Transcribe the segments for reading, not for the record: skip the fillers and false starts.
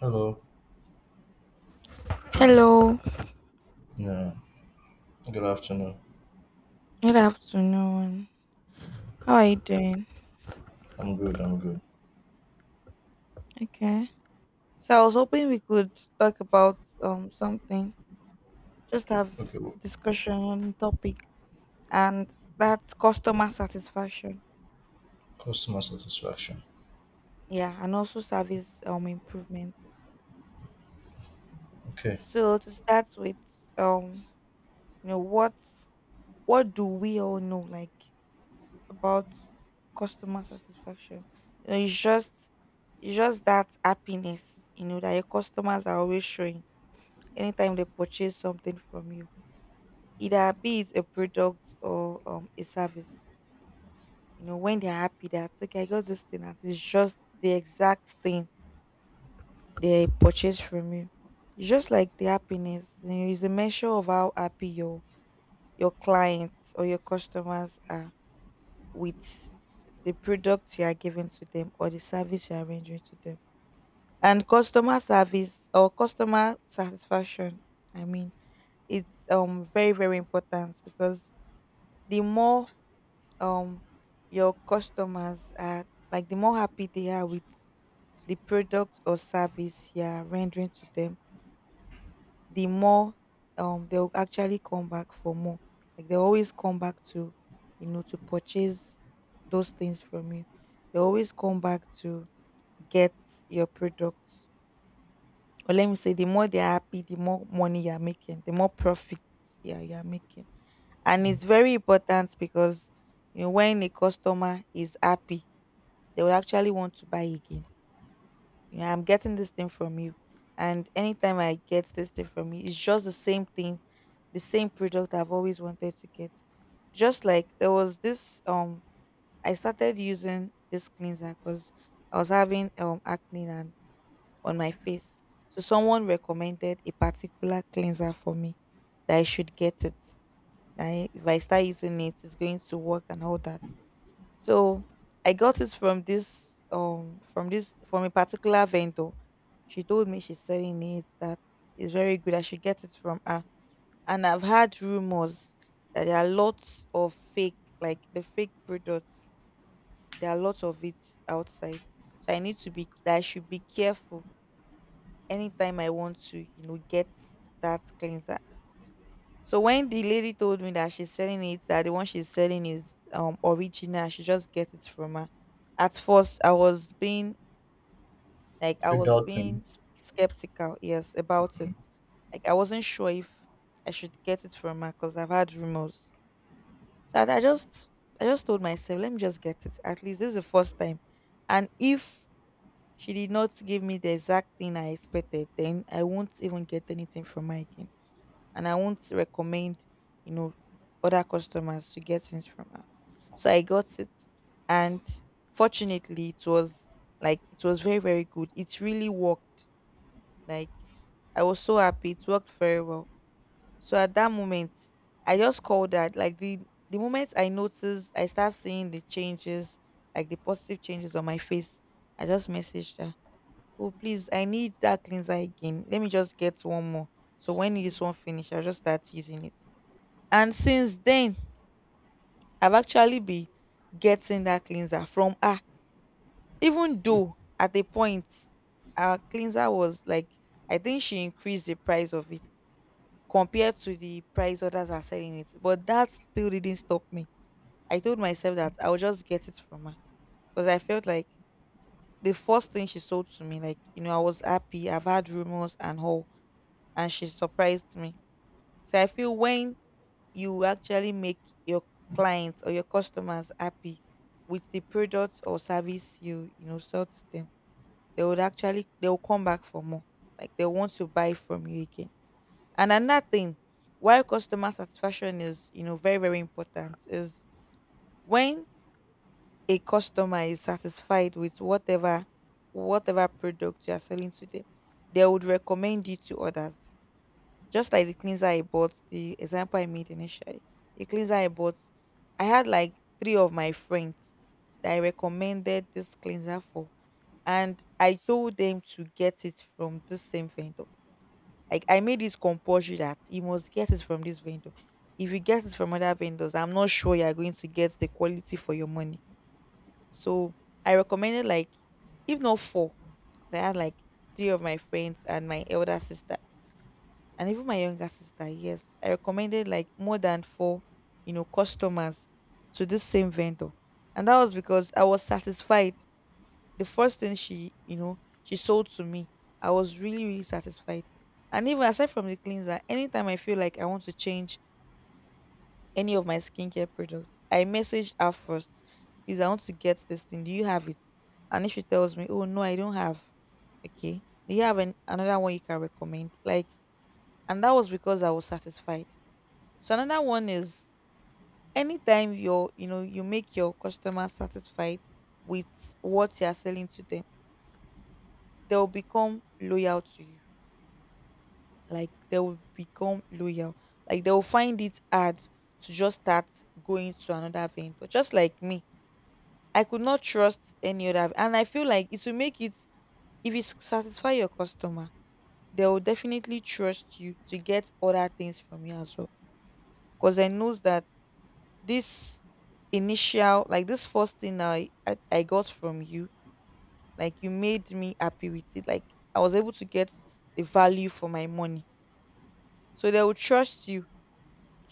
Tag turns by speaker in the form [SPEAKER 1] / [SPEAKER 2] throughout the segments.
[SPEAKER 1] Hello.
[SPEAKER 2] Hello,
[SPEAKER 1] Yeah. Good afternoon.
[SPEAKER 2] good afternoon. How are you doing?
[SPEAKER 1] I'm good. I'm good.
[SPEAKER 2] Okay. So I was hoping we could talk about something, just have
[SPEAKER 1] Okay. Well,
[SPEAKER 2] discussion on the topic, and that's customer satisfaction.
[SPEAKER 1] customer satisfaction.
[SPEAKER 2] Yeah, and also service improvements.
[SPEAKER 1] Okay.
[SPEAKER 2] So to start with, um, you know, what what do we all know like about customer satisfaction? You know, it's just it's just that happiness, that your customers are always showing anytime they purchase something from you, either be it a product or a service. When they're happy that okay, I got this thing and it's just the exact thing they purchased from you. It's just like the happiness, is a measure of how happy your clients or your customers are with the products you are giving to them or the service you are rendering to them. And customer service or customer satisfaction, I mean, it's very, very important because the more um your customers are, like the more happy they are with the product or service you are rendering to them, the more they'll actually come back for more. Like they always come back to to purchase those things from you. They always come back to get your products. Or let me say the more they are happy, the more money you are making, the more profits, yeah, you are making. And it's very important because when a customer is happy they will actually want to buy again, I'm getting this thing from you, and anytime I get this thing from you it's just the same thing, the same product I've always wanted to get. Just like there was this I started using this cleanser because I was having acne and on my face. So someone recommended a particular cleanser for me that I should get it. If I start using it, it's going to work and all that. So I got it from a particular vendor. She told me she's selling it, that is very good. I should get it from her. And I've had rumors that there are lots of fake, like the fake products. There are lots of it outside. So I should be careful anytime I want to get that cleanser. So when the lady told me that she's selling it, that the one she's selling is original, I should just get it from her. At first, I was being
[SPEAKER 1] You're doubting.
[SPEAKER 2] skeptical, yes, about it. Like I wasn't sure if I should get it from her because I've had rumors. So I just told myself, let me just get it. At least this is the first time. And if she did not give me the exact thing I expected, then I won't even get anything from her again and I won't recommend, you know, other customers to get things from her. So I got it, and fortunately, it was very very good. It really worked. Like I was so happy. It worked very well. So at that moment, I just called that, like the moment I noticed, I start seeing the changes, like the positive changes on my face. I just messaged her. Oh please, I need that cleanser again. Let me just get one more. So when this one finish, I'll just start using it. And since then, I've actually been getting that cleanser from her. Even though at a point, our cleanser was like, I think she increased the price of it compared to the price others are selling it. But that still didn't stop me. I told myself that I would just get it from her because I felt like the first thing she sold to me, like, I was happy. I've had rumors and all, and she surprised me. So I feel when you will actually make your clients or your customers happy with the products or service you you know sell to them, they would actually they will come back for more, like they want to buy from you again. And another thing why customer satisfaction is very very important is when a customer is satisfied with whatever product you are selling to them, they would recommend you to others, just like the cleanser I bought, the example I made initially, the cleanser I bought, I had like three of my friends that I recommended this cleanser for. And I told them to get it from this same vendor. Like I made it compulsory that you must get it from this vendor. If you get it from other vendors, I'm not sure you're going to get the quality for your money. So I recommended, like, if not four, because I had like three of my friends and my elder sister and even my younger sister, yes, I recommended like more than four customers to this same vendor. And that was because I was satisfied. The first thing she you know she sold to me, I was really really satisfied. And even aside from the cleanser, anytime I feel like I want to change any of my skincare products, I message her first, please I want to get this thing, do you have it. And if she tells me, oh no I don't have, okay do you have another one you can recommend, like. And that was because I was satisfied. So another one is, anytime you make your customer satisfied with what you are selling to them, they'll become loyal to you. Like they will become loyal. Like they'll find it hard to just start going to another vendor. Just like me. I could not trust any other, and I feel like it will make it, if you satisfy your customer, they will definitely trust you to get other things from you as well. Because I knows that this initial like this first thing I got from you, like you made me happy with it, like I was able to get the value for my money. So they will trust you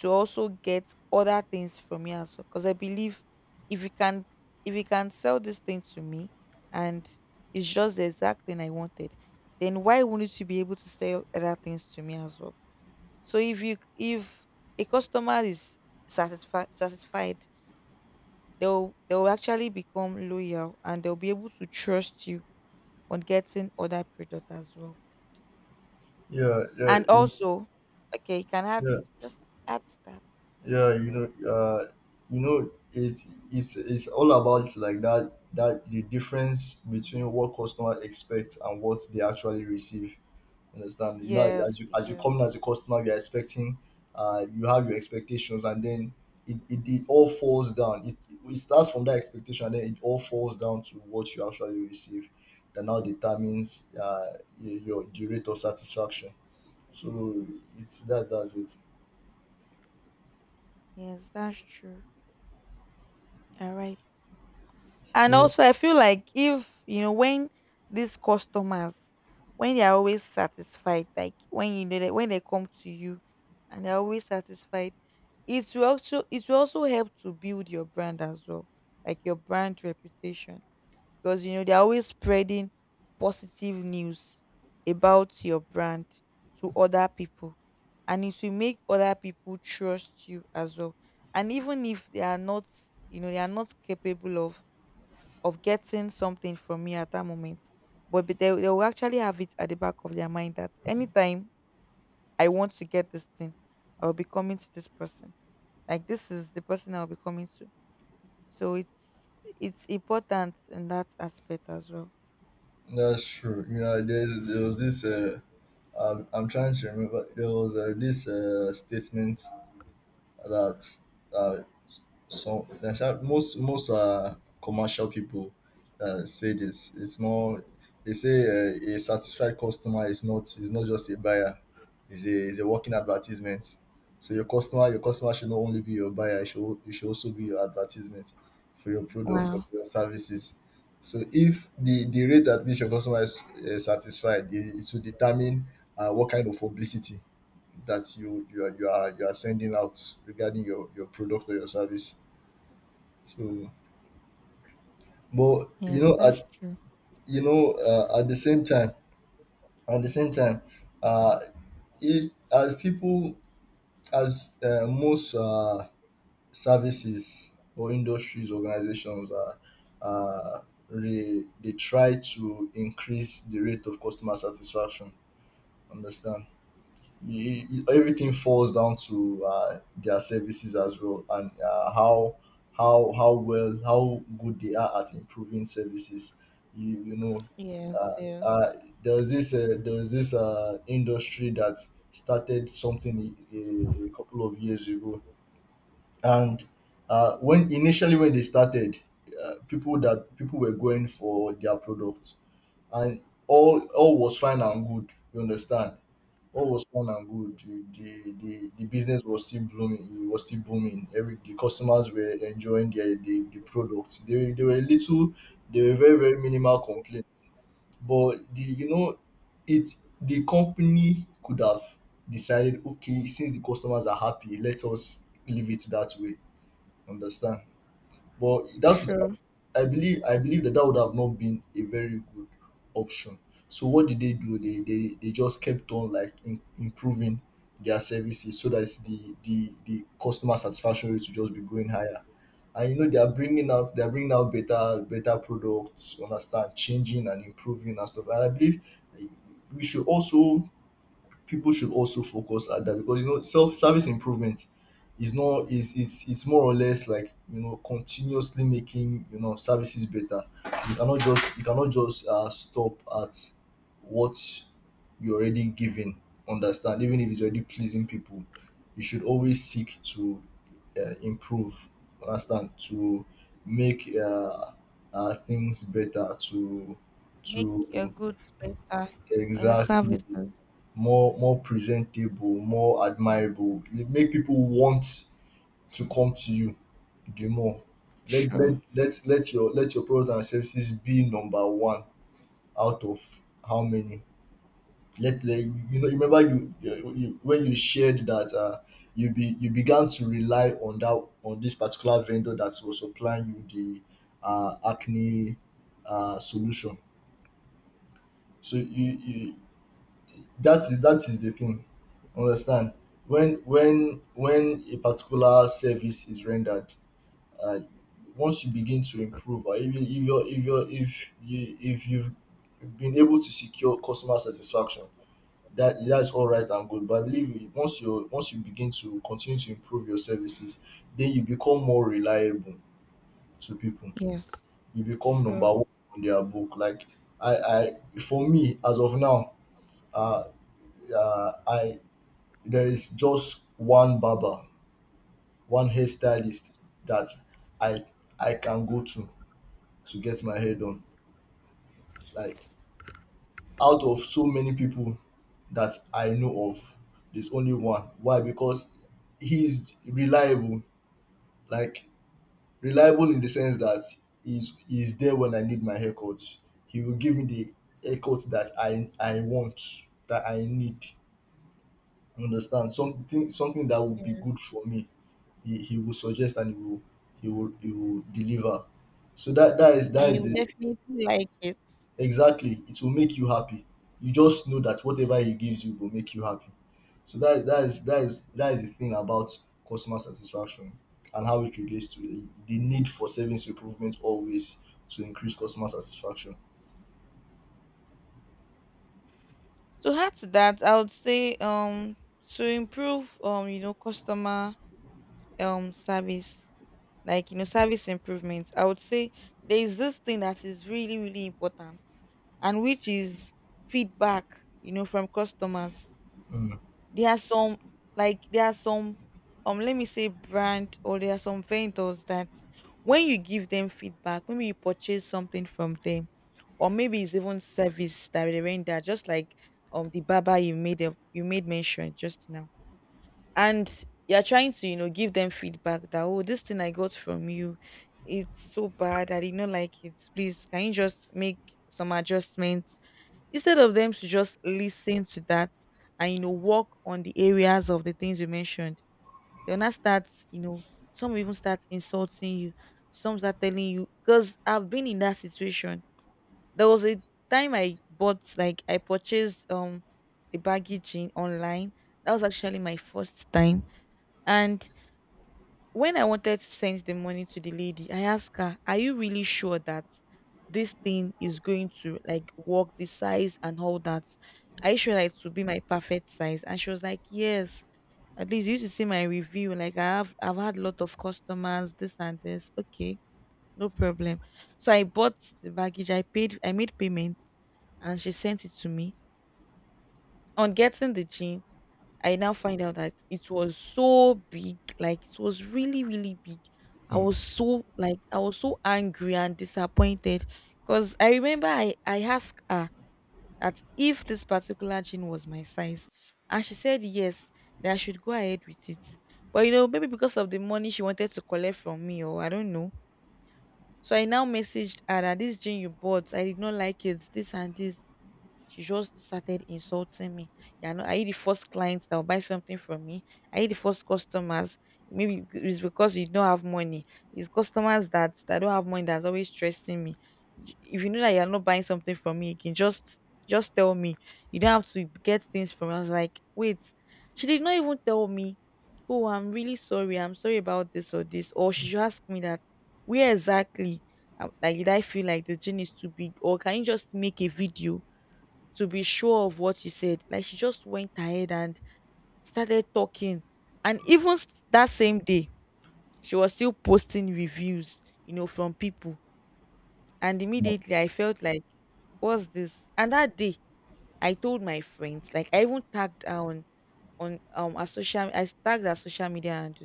[SPEAKER 2] to also get other things from me as well, because I believe if you can if you can sell this thing to me, and it's just the exact thing I wanted, then why wouldn't you be able to sell other things to me as well. So if a customer is satisfied, they'll actually become loyal and they'll be able to trust you on getting other product as well.
[SPEAKER 1] Yeah. Yeah.
[SPEAKER 2] And also, okay, you can add
[SPEAKER 1] Yeah.
[SPEAKER 2] just add stats. I'm
[SPEAKER 1] Yeah.
[SPEAKER 2] sorry.
[SPEAKER 1] It's all about, like, that the difference between what customer expects and what they actually receive. Understand? You know,
[SPEAKER 2] Yes,
[SPEAKER 1] as you
[SPEAKER 2] yes,
[SPEAKER 1] come in as a customer, you're expecting, you have your expectations, and then it all falls down. It starts from that expectation, and then it all falls down to what you actually receive. That now determines y- your the rate of satisfaction. So it's that that's it.
[SPEAKER 2] yes, that's true. All right. And
[SPEAKER 1] You know,
[SPEAKER 2] also, I feel like if you know when these customers, when they are always satisfied, like when you know that when they come to you and they're always satisfied, it will also help to build your brand as well, like your brand reputation, because they're always spreading positive news about your brand to other people, and it will make other people trust you as well. And even if they are not, they are not capable of getting something from me at that moment. But they will actually have it at the back of their mind that anytime I want to get this thing, I'll be coming to this person. Like this is the person I'll be coming to. So it's important in that aspect as well.
[SPEAKER 1] that's true. There was this. I'm trying to remember. There was this statement that uh, some that's how most commercial people say this. It's not. They say, a satisfied customer is not just a buyer. Is a working advertisement. So your customer should not only be your buyer. It should also be your advertisement for your products or
[SPEAKER 2] Wow.
[SPEAKER 1] for your services. So if the rate at which your customer is satisfied, it will determine what kind of publicity that you are sending out regarding your product or your service. So, but
[SPEAKER 2] Yes, that's
[SPEAKER 1] at
[SPEAKER 2] true.
[SPEAKER 1] you know at the same time, at the same time uh if as, most, services or industries organizations are uh, they try to increase the rate of customer satisfaction. Understand? Everything falls down to, their services as well, and how good they are at improving services. you, you know
[SPEAKER 2] Yes,
[SPEAKER 1] uh,
[SPEAKER 2] yes.
[SPEAKER 1] uh, there was this, industry that started something a couple of years ago. And when initially when they started, people were going for their product, and all was fine and good. You understand? All was fun and good. The business was still blooming, it was still booming. Every The customers were enjoying the products. They were very minimal complaints. But the you know, it the company could have decided, okay, since the customers are happy, let us leave it that way. Understand? But that would
[SPEAKER 2] Sure.
[SPEAKER 1] I believe that that would have not been a very good option. So what did they do? They just kept on, like, improving their services so that the customer satisfaction rate will just be going higher. And they are bringing out better products. You understand, changing and improving and stuff. And I believe, eh, we should also people should also focus at that, because self service improvement is not is it's more or less, like, continuously making, services better. You cannot just stop at what you're already giving. Understand? Even if it's already pleasing people, you should always seek to, improve. Understand? To make things better. To.
[SPEAKER 2] Make your
[SPEAKER 1] to
[SPEAKER 2] goods better,
[SPEAKER 1] exactly.
[SPEAKER 2] services.
[SPEAKER 1] More presentable, more admirable. You make people want to come to you the more. Let
[SPEAKER 2] Sure.
[SPEAKER 1] let let let your let your product and services be number one out of how many. Let, let you know. Remember, you when you shared that, you began to rely on that on this particular vendor that was supplying you the, acne, solution. So, you that is the thing. Understand? When a particular service is rendered, uh, once you begin to improve, or if you if you if you if you if you've been able to secure customer satisfaction, that's all right and good. But I believe, once you begin to continue to improve your services, then you become more reliable to people.
[SPEAKER 2] Yes.
[SPEAKER 1] You become number
[SPEAKER 2] Sure.
[SPEAKER 1] one on their book. Like, I for me, as of now, uh, I there is just one barber, one hairstylist that i I can go to get my hair done, like, out of so many people that I know of. There's only one. Why? Because he's reliable. Like, reliable in the sense that he's there when I need my haircut. He will give me the haircut that I want, that I need. Understand? Something that would be good for me. He will suggest and he will deliver. So that that is that
[SPEAKER 2] And you
[SPEAKER 1] is
[SPEAKER 2] will
[SPEAKER 1] the.
[SPEAKER 2] definitely like it.
[SPEAKER 1] Exactly. It will make you happy. You just know that whatever he gives you will make you happy. So that is the thing about customer satisfaction and how it relates to the need for service improvement, always, to increase customer satisfaction.
[SPEAKER 2] To add to that, I would say to improve customer service, like service improvements. I would say there is this thing that is really really important, and which is feedback. You know, from customers.
[SPEAKER 1] mm,
[SPEAKER 2] There are some like there are some let me say brand, or there are some vendors that when you give them feedback, maybe you purchase something from them, or maybe it's even service that they render. Just like the barber you made a, you made mention just now, and you're trying to give them feedback that, oh, this thing I got from you, it's so bad, I did not like it, please can you just make some adjustments. Instead of them to just listen to that and work on the areas of the things you mentioned, they'll not start, some will even start insulting you, some start telling you. Because I've been in that situation. There was a time I bought, like I purchased a baggy jean online. That was actually my first time. And when I wanted to send the money to the lady, I asked her, are you really sure that this thing is going to, like, work, the size and all that? Are you sure that it will be my perfect size? And she was like, yes. At least you used to see my review. Like I have, I've had a lot of customers, this and this. Okay, no problem. So I bought the baggage, I paid, I made payment, and she sent it to me. On getting the jean, I now find out that it was so big, like it was really, really big. I was
[SPEAKER 1] mm,
[SPEAKER 2] so, like I was so angry and disappointed. Because I remember I asked her that if this particular jean was my size, and she said yes, that I should go ahead with it. But you know, maybe because of the money she wanted to collect from me, or I don't know. So I now messaged her that this jean you bought, I did not like it, this and this. She just started insulting me. Yeah, are not, are you the first client that will buy something from me? Are you the first customers? Maybe it's because you don't have money. It's customers that don't have money that's always stressing me. If you know that you are not buying something from me, you can just tell me. You don't have to get things from me. I was like, wait. She did not even tell me, oh, I'm really sorry, I'm sorry about this or this. Or she should ask me that, where exactly? Like, did I feel like the gene is too big, or can you just make a video to be sure of what you said. Like she just went ahead and started talking. And even that same day, she was still posting reviews, you know, from people. And
[SPEAKER 1] mm,
[SPEAKER 2] immediately I felt like, what's this? And that day, I told my friends, like I even tagged her on our social, I tagged our social media, and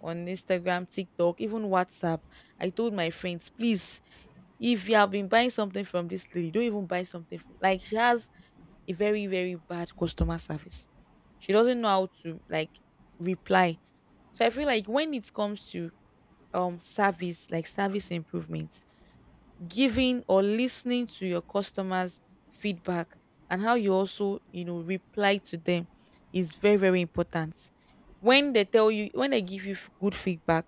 [SPEAKER 2] on Instagram, TikTok, even WhatsApp. I told my friends, please, if you have been buying something from this lady, don't even buy something from, like she has a very, very bad customer service. She doesn't know how to, like, reply. So I feel like when it comes to service, like service improvements, giving or listening to your customers feedback, and how you also, you know, reply to them, is very, very important. When they tell you, when they give you good feedback,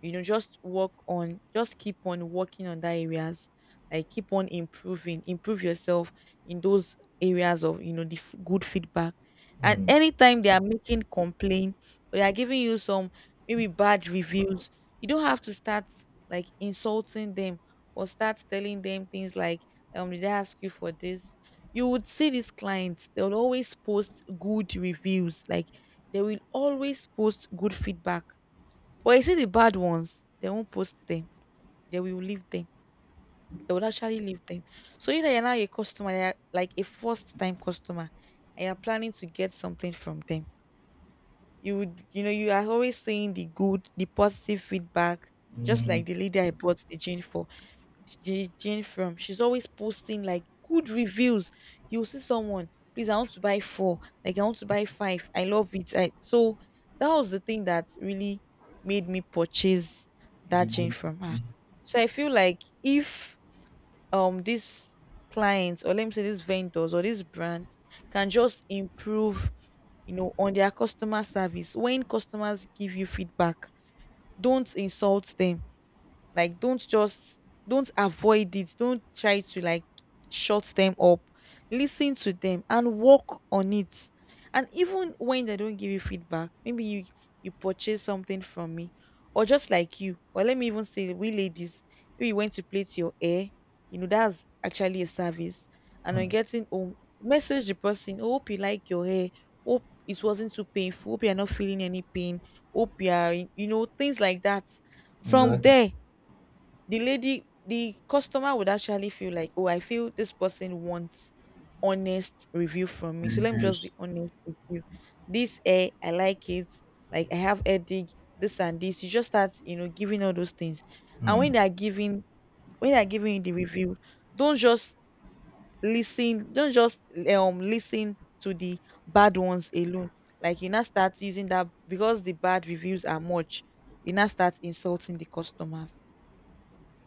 [SPEAKER 2] you know, just work on, just keep on working on that areas. Like keep on improving, improve yourself in those areas of, you know, the good feedback. And
[SPEAKER 1] mm,
[SPEAKER 2] anytime they are making complaint or they are giving you some, maybe, bad reviews, you don't have to start, like, insulting them or start telling them things like, did I ask you for this? You would see these clients, they'll always post good reviews. Like they will always post good feedback. But you see the bad ones, they won't post them. They will leave them. They will actually leave them. So either you're now a customer, you're like a first time customer, and you're planning to get something from them. You would, you know, you are always saying the good, the positive feedback, just
[SPEAKER 1] mm,
[SPEAKER 2] like the lady I bought the gin for. Jane from. She's always posting like good reviews. You'll see someone, please, I want to buy four. Like, I want to buy five. I love it. I, so that was the thing that really made me purchase
[SPEAKER 1] The
[SPEAKER 2] that Jane
[SPEAKER 1] good.
[SPEAKER 2] from her.
[SPEAKER 1] Mm.
[SPEAKER 2] So I feel like if these clients, or let me say these vendors or these brands, can just improve, you know, on their customer service. When customers give you feedback, don't insult them, like don't just, don't avoid it. Don't try to, like, shut them up. Listen to them and work on it. And even when they don't give you feedback, maybe you, you purchase something from me, or just like you, or let me even say we ladies, maybe you went to plait your hair. You know that's actually a service. And on
[SPEAKER 1] Mm.
[SPEAKER 2] getting home, message the person. Oh, hope you like your hair. Hope it wasn't too painful. Hope you are not feeling any pain. Hope you are, you know, things like that. From
[SPEAKER 1] Exactly.
[SPEAKER 2] there, the lady, the customer would actually feel like, oh, I feel this person wants honest review from me, so let me just be
[SPEAKER 1] Reviews.
[SPEAKER 2] honest with you. This hair, I like it. Like I have headache. This and this. You just start, you know, giving all those things. And when they
[SPEAKER 1] Mm.
[SPEAKER 2] are giving, when they are giving you the review, don't just listen, don't just listen to the bad ones alone. Like you now start using that, because the bad reviews are much, you now start insulting the customers.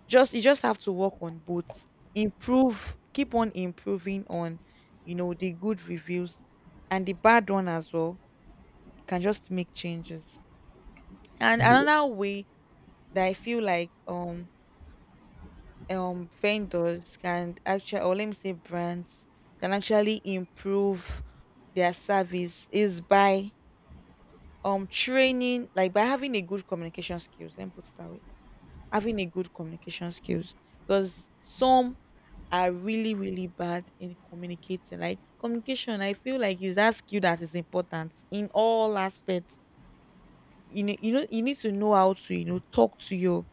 [SPEAKER 2] Just You just have to work on both. Improve, keep on improving on, you know, the good reviews and the bad one as well. Can just make changes. And
[SPEAKER 1] It's,
[SPEAKER 2] another way that I feel like um vendors can actually, or let me say brands can actually improve their service, is by training, like by having a good communication skills. Let me put it that way. Having a good communication skills. Because some are really, really bad in communicating. Like communication, I feel like, is that skill that is important in all aspects. You know, you need to know how to, you know, talk to your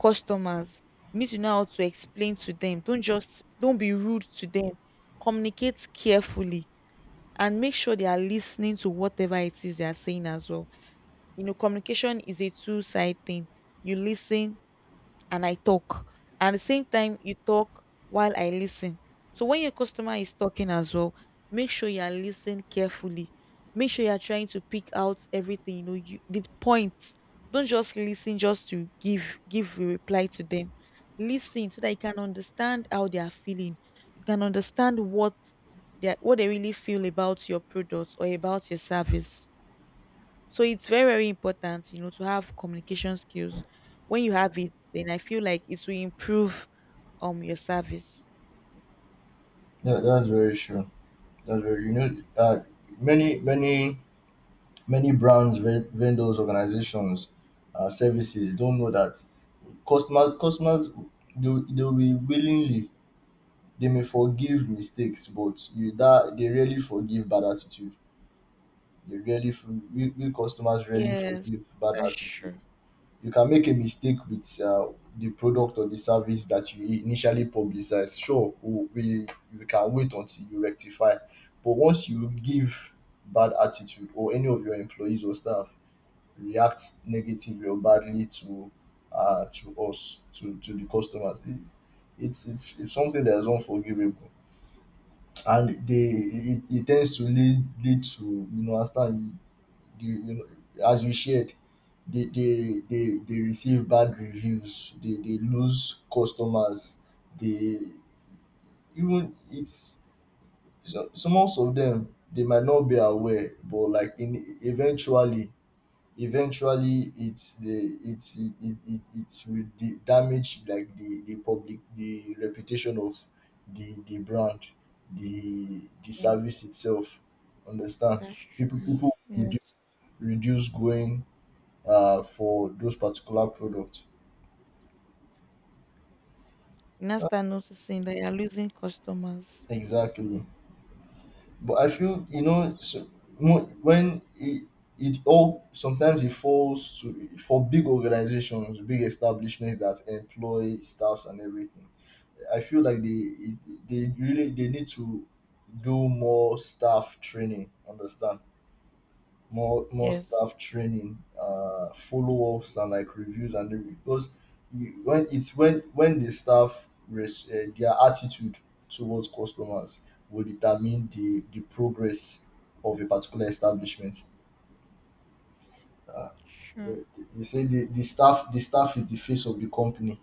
[SPEAKER 2] customers. You need to know how to explain to them. Don't just, don't be rude to them. Communicate carefully and make sure they are listening to whatever it is they are saying as well. You know, communication is a two-side thing. You listen and I talk. And the same time, you talk while I listen. So when your customer is talking as well, make sure you are listening carefully. Make sure you are trying to pick out everything, you know, you, the points. Don't just listen just to give a reply to them. Listen so that you can understand how they are feeling. You can understand what they are, what they really feel about your product or about your service. So it's very, very important, you know, to have communication skills. When you have it, then I feel like it will improve your service.
[SPEAKER 1] yeah, that's very true. That's very. Many, many, many brands, vendors, organizations, services don't know that customers do, they'll be willingly. They may forgive mistakes, but you that they rarely forgive bad attitude. They rarely We customers rarely
[SPEAKER 2] Yes,
[SPEAKER 1] forgive bad
[SPEAKER 2] that's
[SPEAKER 1] attitude.
[SPEAKER 2] true.
[SPEAKER 1] You can make a mistake with, the product or the service that you initially publicize. Sure, we can wait until you rectify, but once you give bad attitude, or any of your employees or staff react negatively or badly to, us, to the customers, it's something that is unforgivable, and it tends to lead to, understand, the, as you shared, they receive bad reviews. They lose customers. They even it's So, most of them, they might not be aware, but, like, in eventually eventually it's the it's it, it, it it's with the damage, like the reputation of the brand, the
[SPEAKER 2] Yes,
[SPEAKER 1] service itself. Understand?
[SPEAKER 2] that's
[SPEAKER 1] People
[SPEAKER 2] true.
[SPEAKER 1] redu-
[SPEAKER 2] Yes.
[SPEAKER 1] reduce going, for those particular products.
[SPEAKER 2] You now
[SPEAKER 1] Uh,
[SPEAKER 2] start noticing that you're losing customers.
[SPEAKER 1] Exactly. But I feel, so, when it all, sometimes it falls to for big organizations, big establishments that employ staffs and everything. I feel like they it, they really they need to do more staff training. Understand? More
[SPEAKER 2] Yes.
[SPEAKER 1] staff training, follow ups, and, like, reviews and everything. Because when it's when the staff, their attitude towards customers will determine the progress of a particular establishment. Uh,
[SPEAKER 2] Sure.
[SPEAKER 1] you say the staff is the face of the company,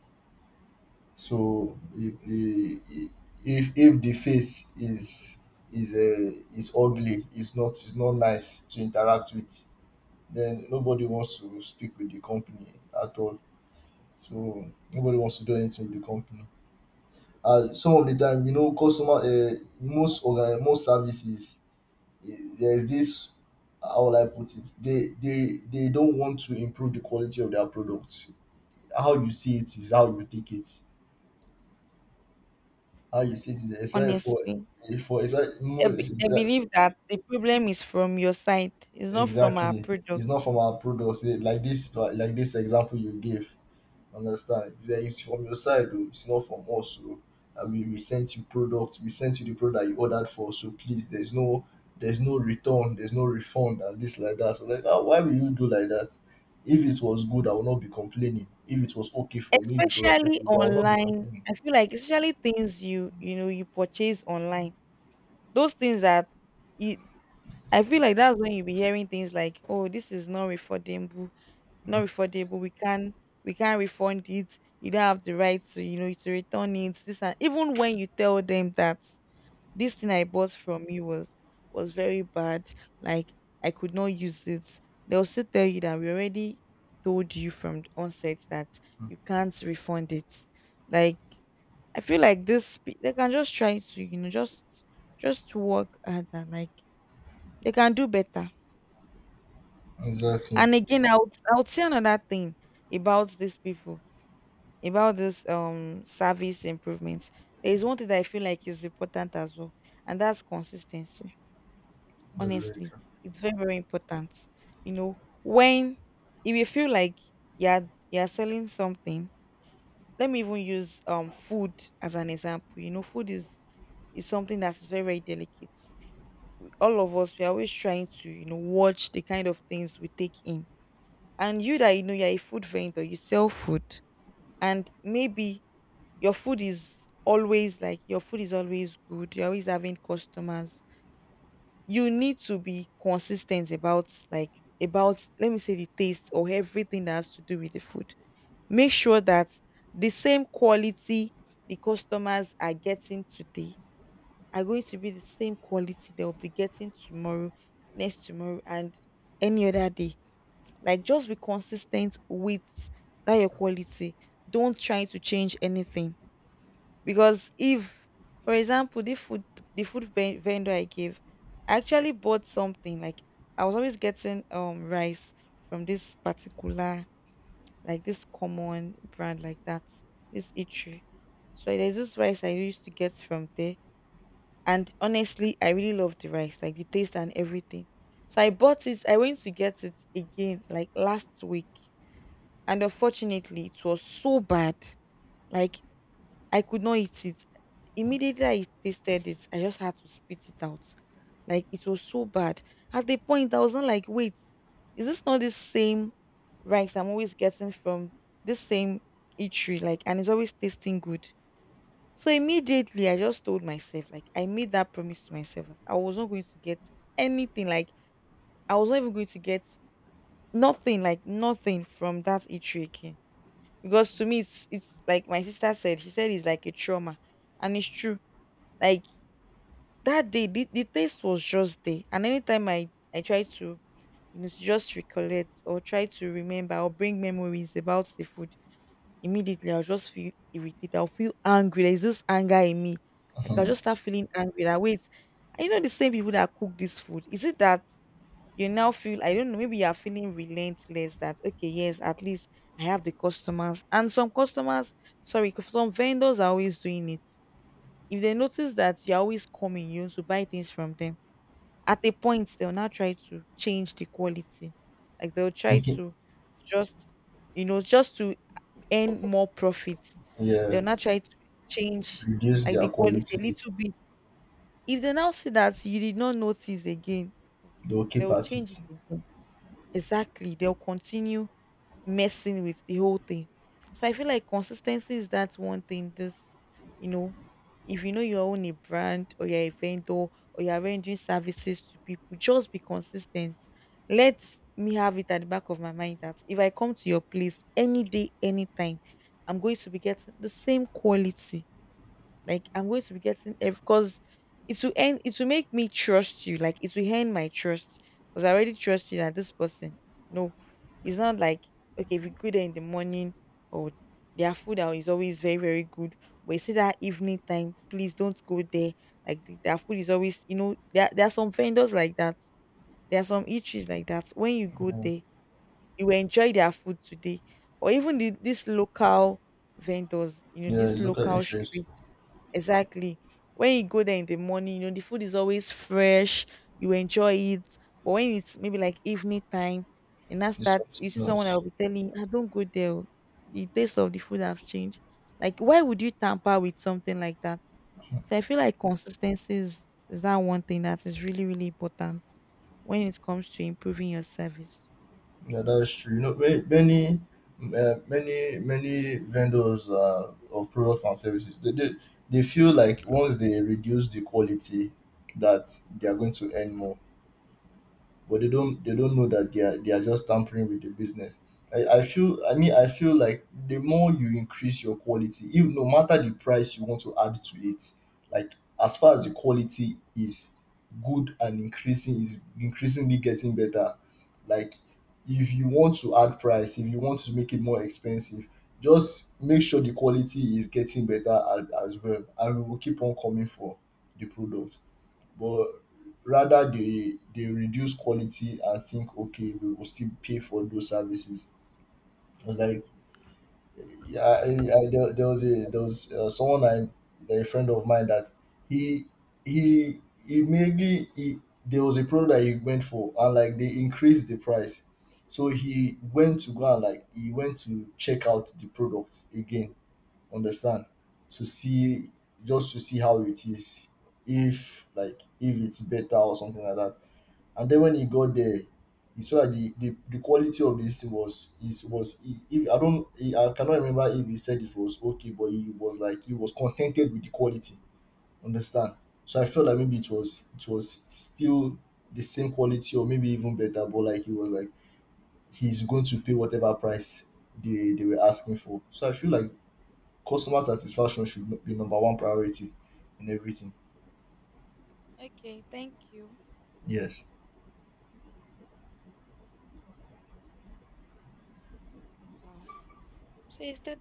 [SPEAKER 1] so, if the face is, is uh, is ugly, is not nice to interact with, then nobody wants to speak with the company at all. So nobody wants to do anything with the company. And some of the time, most services, there is this. How will I put it? They don't want to improve the quality of their product. How you see it is how you take it. How you see it is especially for,
[SPEAKER 2] Honestly.
[SPEAKER 1] for, especially,
[SPEAKER 2] I,
[SPEAKER 1] more.
[SPEAKER 2] I believe that the problem is from your side. It's not from our
[SPEAKER 1] Exactly.
[SPEAKER 2] product.
[SPEAKER 1] It's not from our products. Like this example you gave. Understand? Then it's from your side, though. It's not from us. So, I mean, we sent you product. We sent you the product you ordered for. So, please, there's no return. There's no refund and this like that. So, like, ah, why will you do like that? If it was good, I will not be complaining. If it was okay for me, if it was
[SPEAKER 2] Especially
[SPEAKER 1] acceptable, I will not be
[SPEAKER 2] online.
[SPEAKER 1] complaining.
[SPEAKER 2] I feel like, especially things you, you know, you purchase online. Those things that you, I feel like that's when you'll be hearing things like, oh, this is not refundable, not
[SPEAKER 1] Mhm.
[SPEAKER 2] refundable. We can't refund it. You don't have the right to, you know, to return it. This, and even when you tell them that this thing I bought from you was very bad, like I could not use it, they'll still tell you that we already told you from the onset that you can't refund it. Like I feel like this, they can just try to, you know, just work at that. Like they can do better.
[SPEAKER 1] Exactly.
[SPEAKER 2] And again, I would, I would say another thing about these people, about this service improvements. There is one thing that I feel like is important as well, and that's consistency.
[SPEAKER 1] That's very
[SPEAKER 2] Honestly,
[SPEAKER 1] true.
[SPEAKER 2] it's very, very important. You know, when, if you feel like you're selling something, let me even use food as an example. You know, food is something that is very, very delicate. All of us, we are always trying to, you know, watch the kind of things we take in. And you that, you know, you're a food vendor, you sell food, and maybe your food is always, like your food is always good, you're always having customers. You need to be consistent about, like about, let me say, the taste or everything that has to do with the food. Make sure that the same quality the customers are getting today are going to be the same quality they'll be getting tomorrow, next tomorrow, and any other day. Like just be consistent with that your quality. Don't try to change anything. Because if, for example, the food, the food vendor I gave, I actually bought something. Like I was always getting rice from this particular, like this common brand like that, this eatery. So there's this rice I used to get from there. And honestly, I really love the rice, like the taste and everything. So I bought it. I went to get it again, like last week. And unfortunately, it was so bad. Like I could not eat it. Immediately I tasted it, I just had to spit it out. Like it was so bad. At the point I was not, like, wait, is this not the same rice I'm always getting from this same eatery? Like, and it's always tasting good. So immediately I just told myself, like I made that promise to myself that I was not going to get anything. Like I was not even going to get nothing, like nothing from that eatery again. Because to me it's like my sister said, she said it's like a trauma, and it's true. Like that day, the taste was just there, and anytime I try to, you know, to just recollect or try to remember or bring memories about the food, immediately I'll just feel irritated, I'll feel angry, there's this anger in me. Like I'll
[SPEAKER 1] Mhm.
[SPEAKER 2] just start feeling angry, like wait, I know the same people that cook this food, is it that you now feel, I don't know, maybe you are feeling relentless, that okay, yes, at least I have the customers. And some customers, sorry, some vendors are always doing it. If they notice that you're always coming, you want to buy things from them, at a point they'll now try to change the quality. Like they'll try
[SPEAKER 1] Okay.
[SPEAKER 2] to just, you know, just to earn more profit,
[SPEAKER 1] Yeah.
[SPEAKER 2] they'll now try to change,
[SPEAKER 1] Reduce
[SPEAKER 2] like, the
[SPEAKER 1] their
[SPEAKER 2] quality a
[SPEAKER 1] quality.
[SPEAKER 2] little bit. If they now see that you did not notice again,
[SPEAKER 1] They'll keep
[SPEAKER 2] they'll
[SPEAKER 1] at
[SPEAKER 2] change it
[SPEAKER 1] it.
[SPEAKER 2] again. Exactly. They'll continue messing with the whole thing. So I feel like consistency is that one thing. This, you know, if you know you own a brand, or you're a vendor, or you're rendering services to people, just be consistent. Let me have it at the back of my mind that if I come to your place any day, anytime, I'm going to be getting the same quality. Like I'm going to be getting, because it will end, it will make me trust you. Like it will end my trust. Because I already trust you, that this person. No. It's not like, okay, if you go there in the morning, or their food out is always very, very good. But you see that evening time, please don't go there. Like their food is always, you know, there are some vendors like that. There are some eateries like that. When you go
[SPEAKER 1] Yeah.
[SPEAKER 2] there, you will enjoy their food today. Or even this local vendors, you know,
[SPEAKER 1] Yeah.
[SPEAKER 2] this
[SPEAKER 1] Local
[SPEAKER 2] local
[SPEAKER 1] interest
[SPEAKER 2] street. Exactly. When you go there in the morning, you know, the food is always fresh, you enjoy it. But when it's maybe like evening time, and that's
[SPEAKER 1] is
[SPEAKER 2] that, you
[SPEAKER 1] something
[SPEAKER 2] see someone that
[SPEAKER 1] else.
[SPEAKER 2] will be telling you, I don't go there. Oh, the taste of the food have changed. Like, why would you tamper with something like that? So I feel like consistency is that one thing that is really, really important when it comes to improving your service.
[SPEAKER 1] Yeah, that's true. You know, many, many vendors, of products and services. They feel like once they reduce the quality, that they are going to earn more, but they don't know that they are just tampering with the business. I mean, I feel like the more you increase your quality, if, no matter the price you want to add to it, like, as far as the quality is good and increasing is increasingly getting better. Like, if you want to add price, if you want to make it more expensive, just make sure the quality is getting better as well, and we will keep on coming for the product. But rather, they reduce quality and think, okay, we will still pay for those services. I was like, yeah. There was, someone, I a friend of mine. That he he he mainly he, there was a product that he went for, and, like, they increased the price. So he went to go, and, like, he went to check out the products again. Understand? To see Just to see how it is, if, like, if it's better or something like that. And then, when he got there, he saw that the quality of this was, he, if I don't he, I cannot remember if he said it was okay, but he was contented with the quality. Understand? So I felt like maybe it was still the same quality or maybe even better. But, like, he was like he's going to pay whatever price they were asking for. So I feel like customer satisfaction should be number one priority in everything.
[SPEAKER 2] Okay, thank you.
[SPEAKER 1] Yes.
[SPEAKER 2] Wow. So it's 30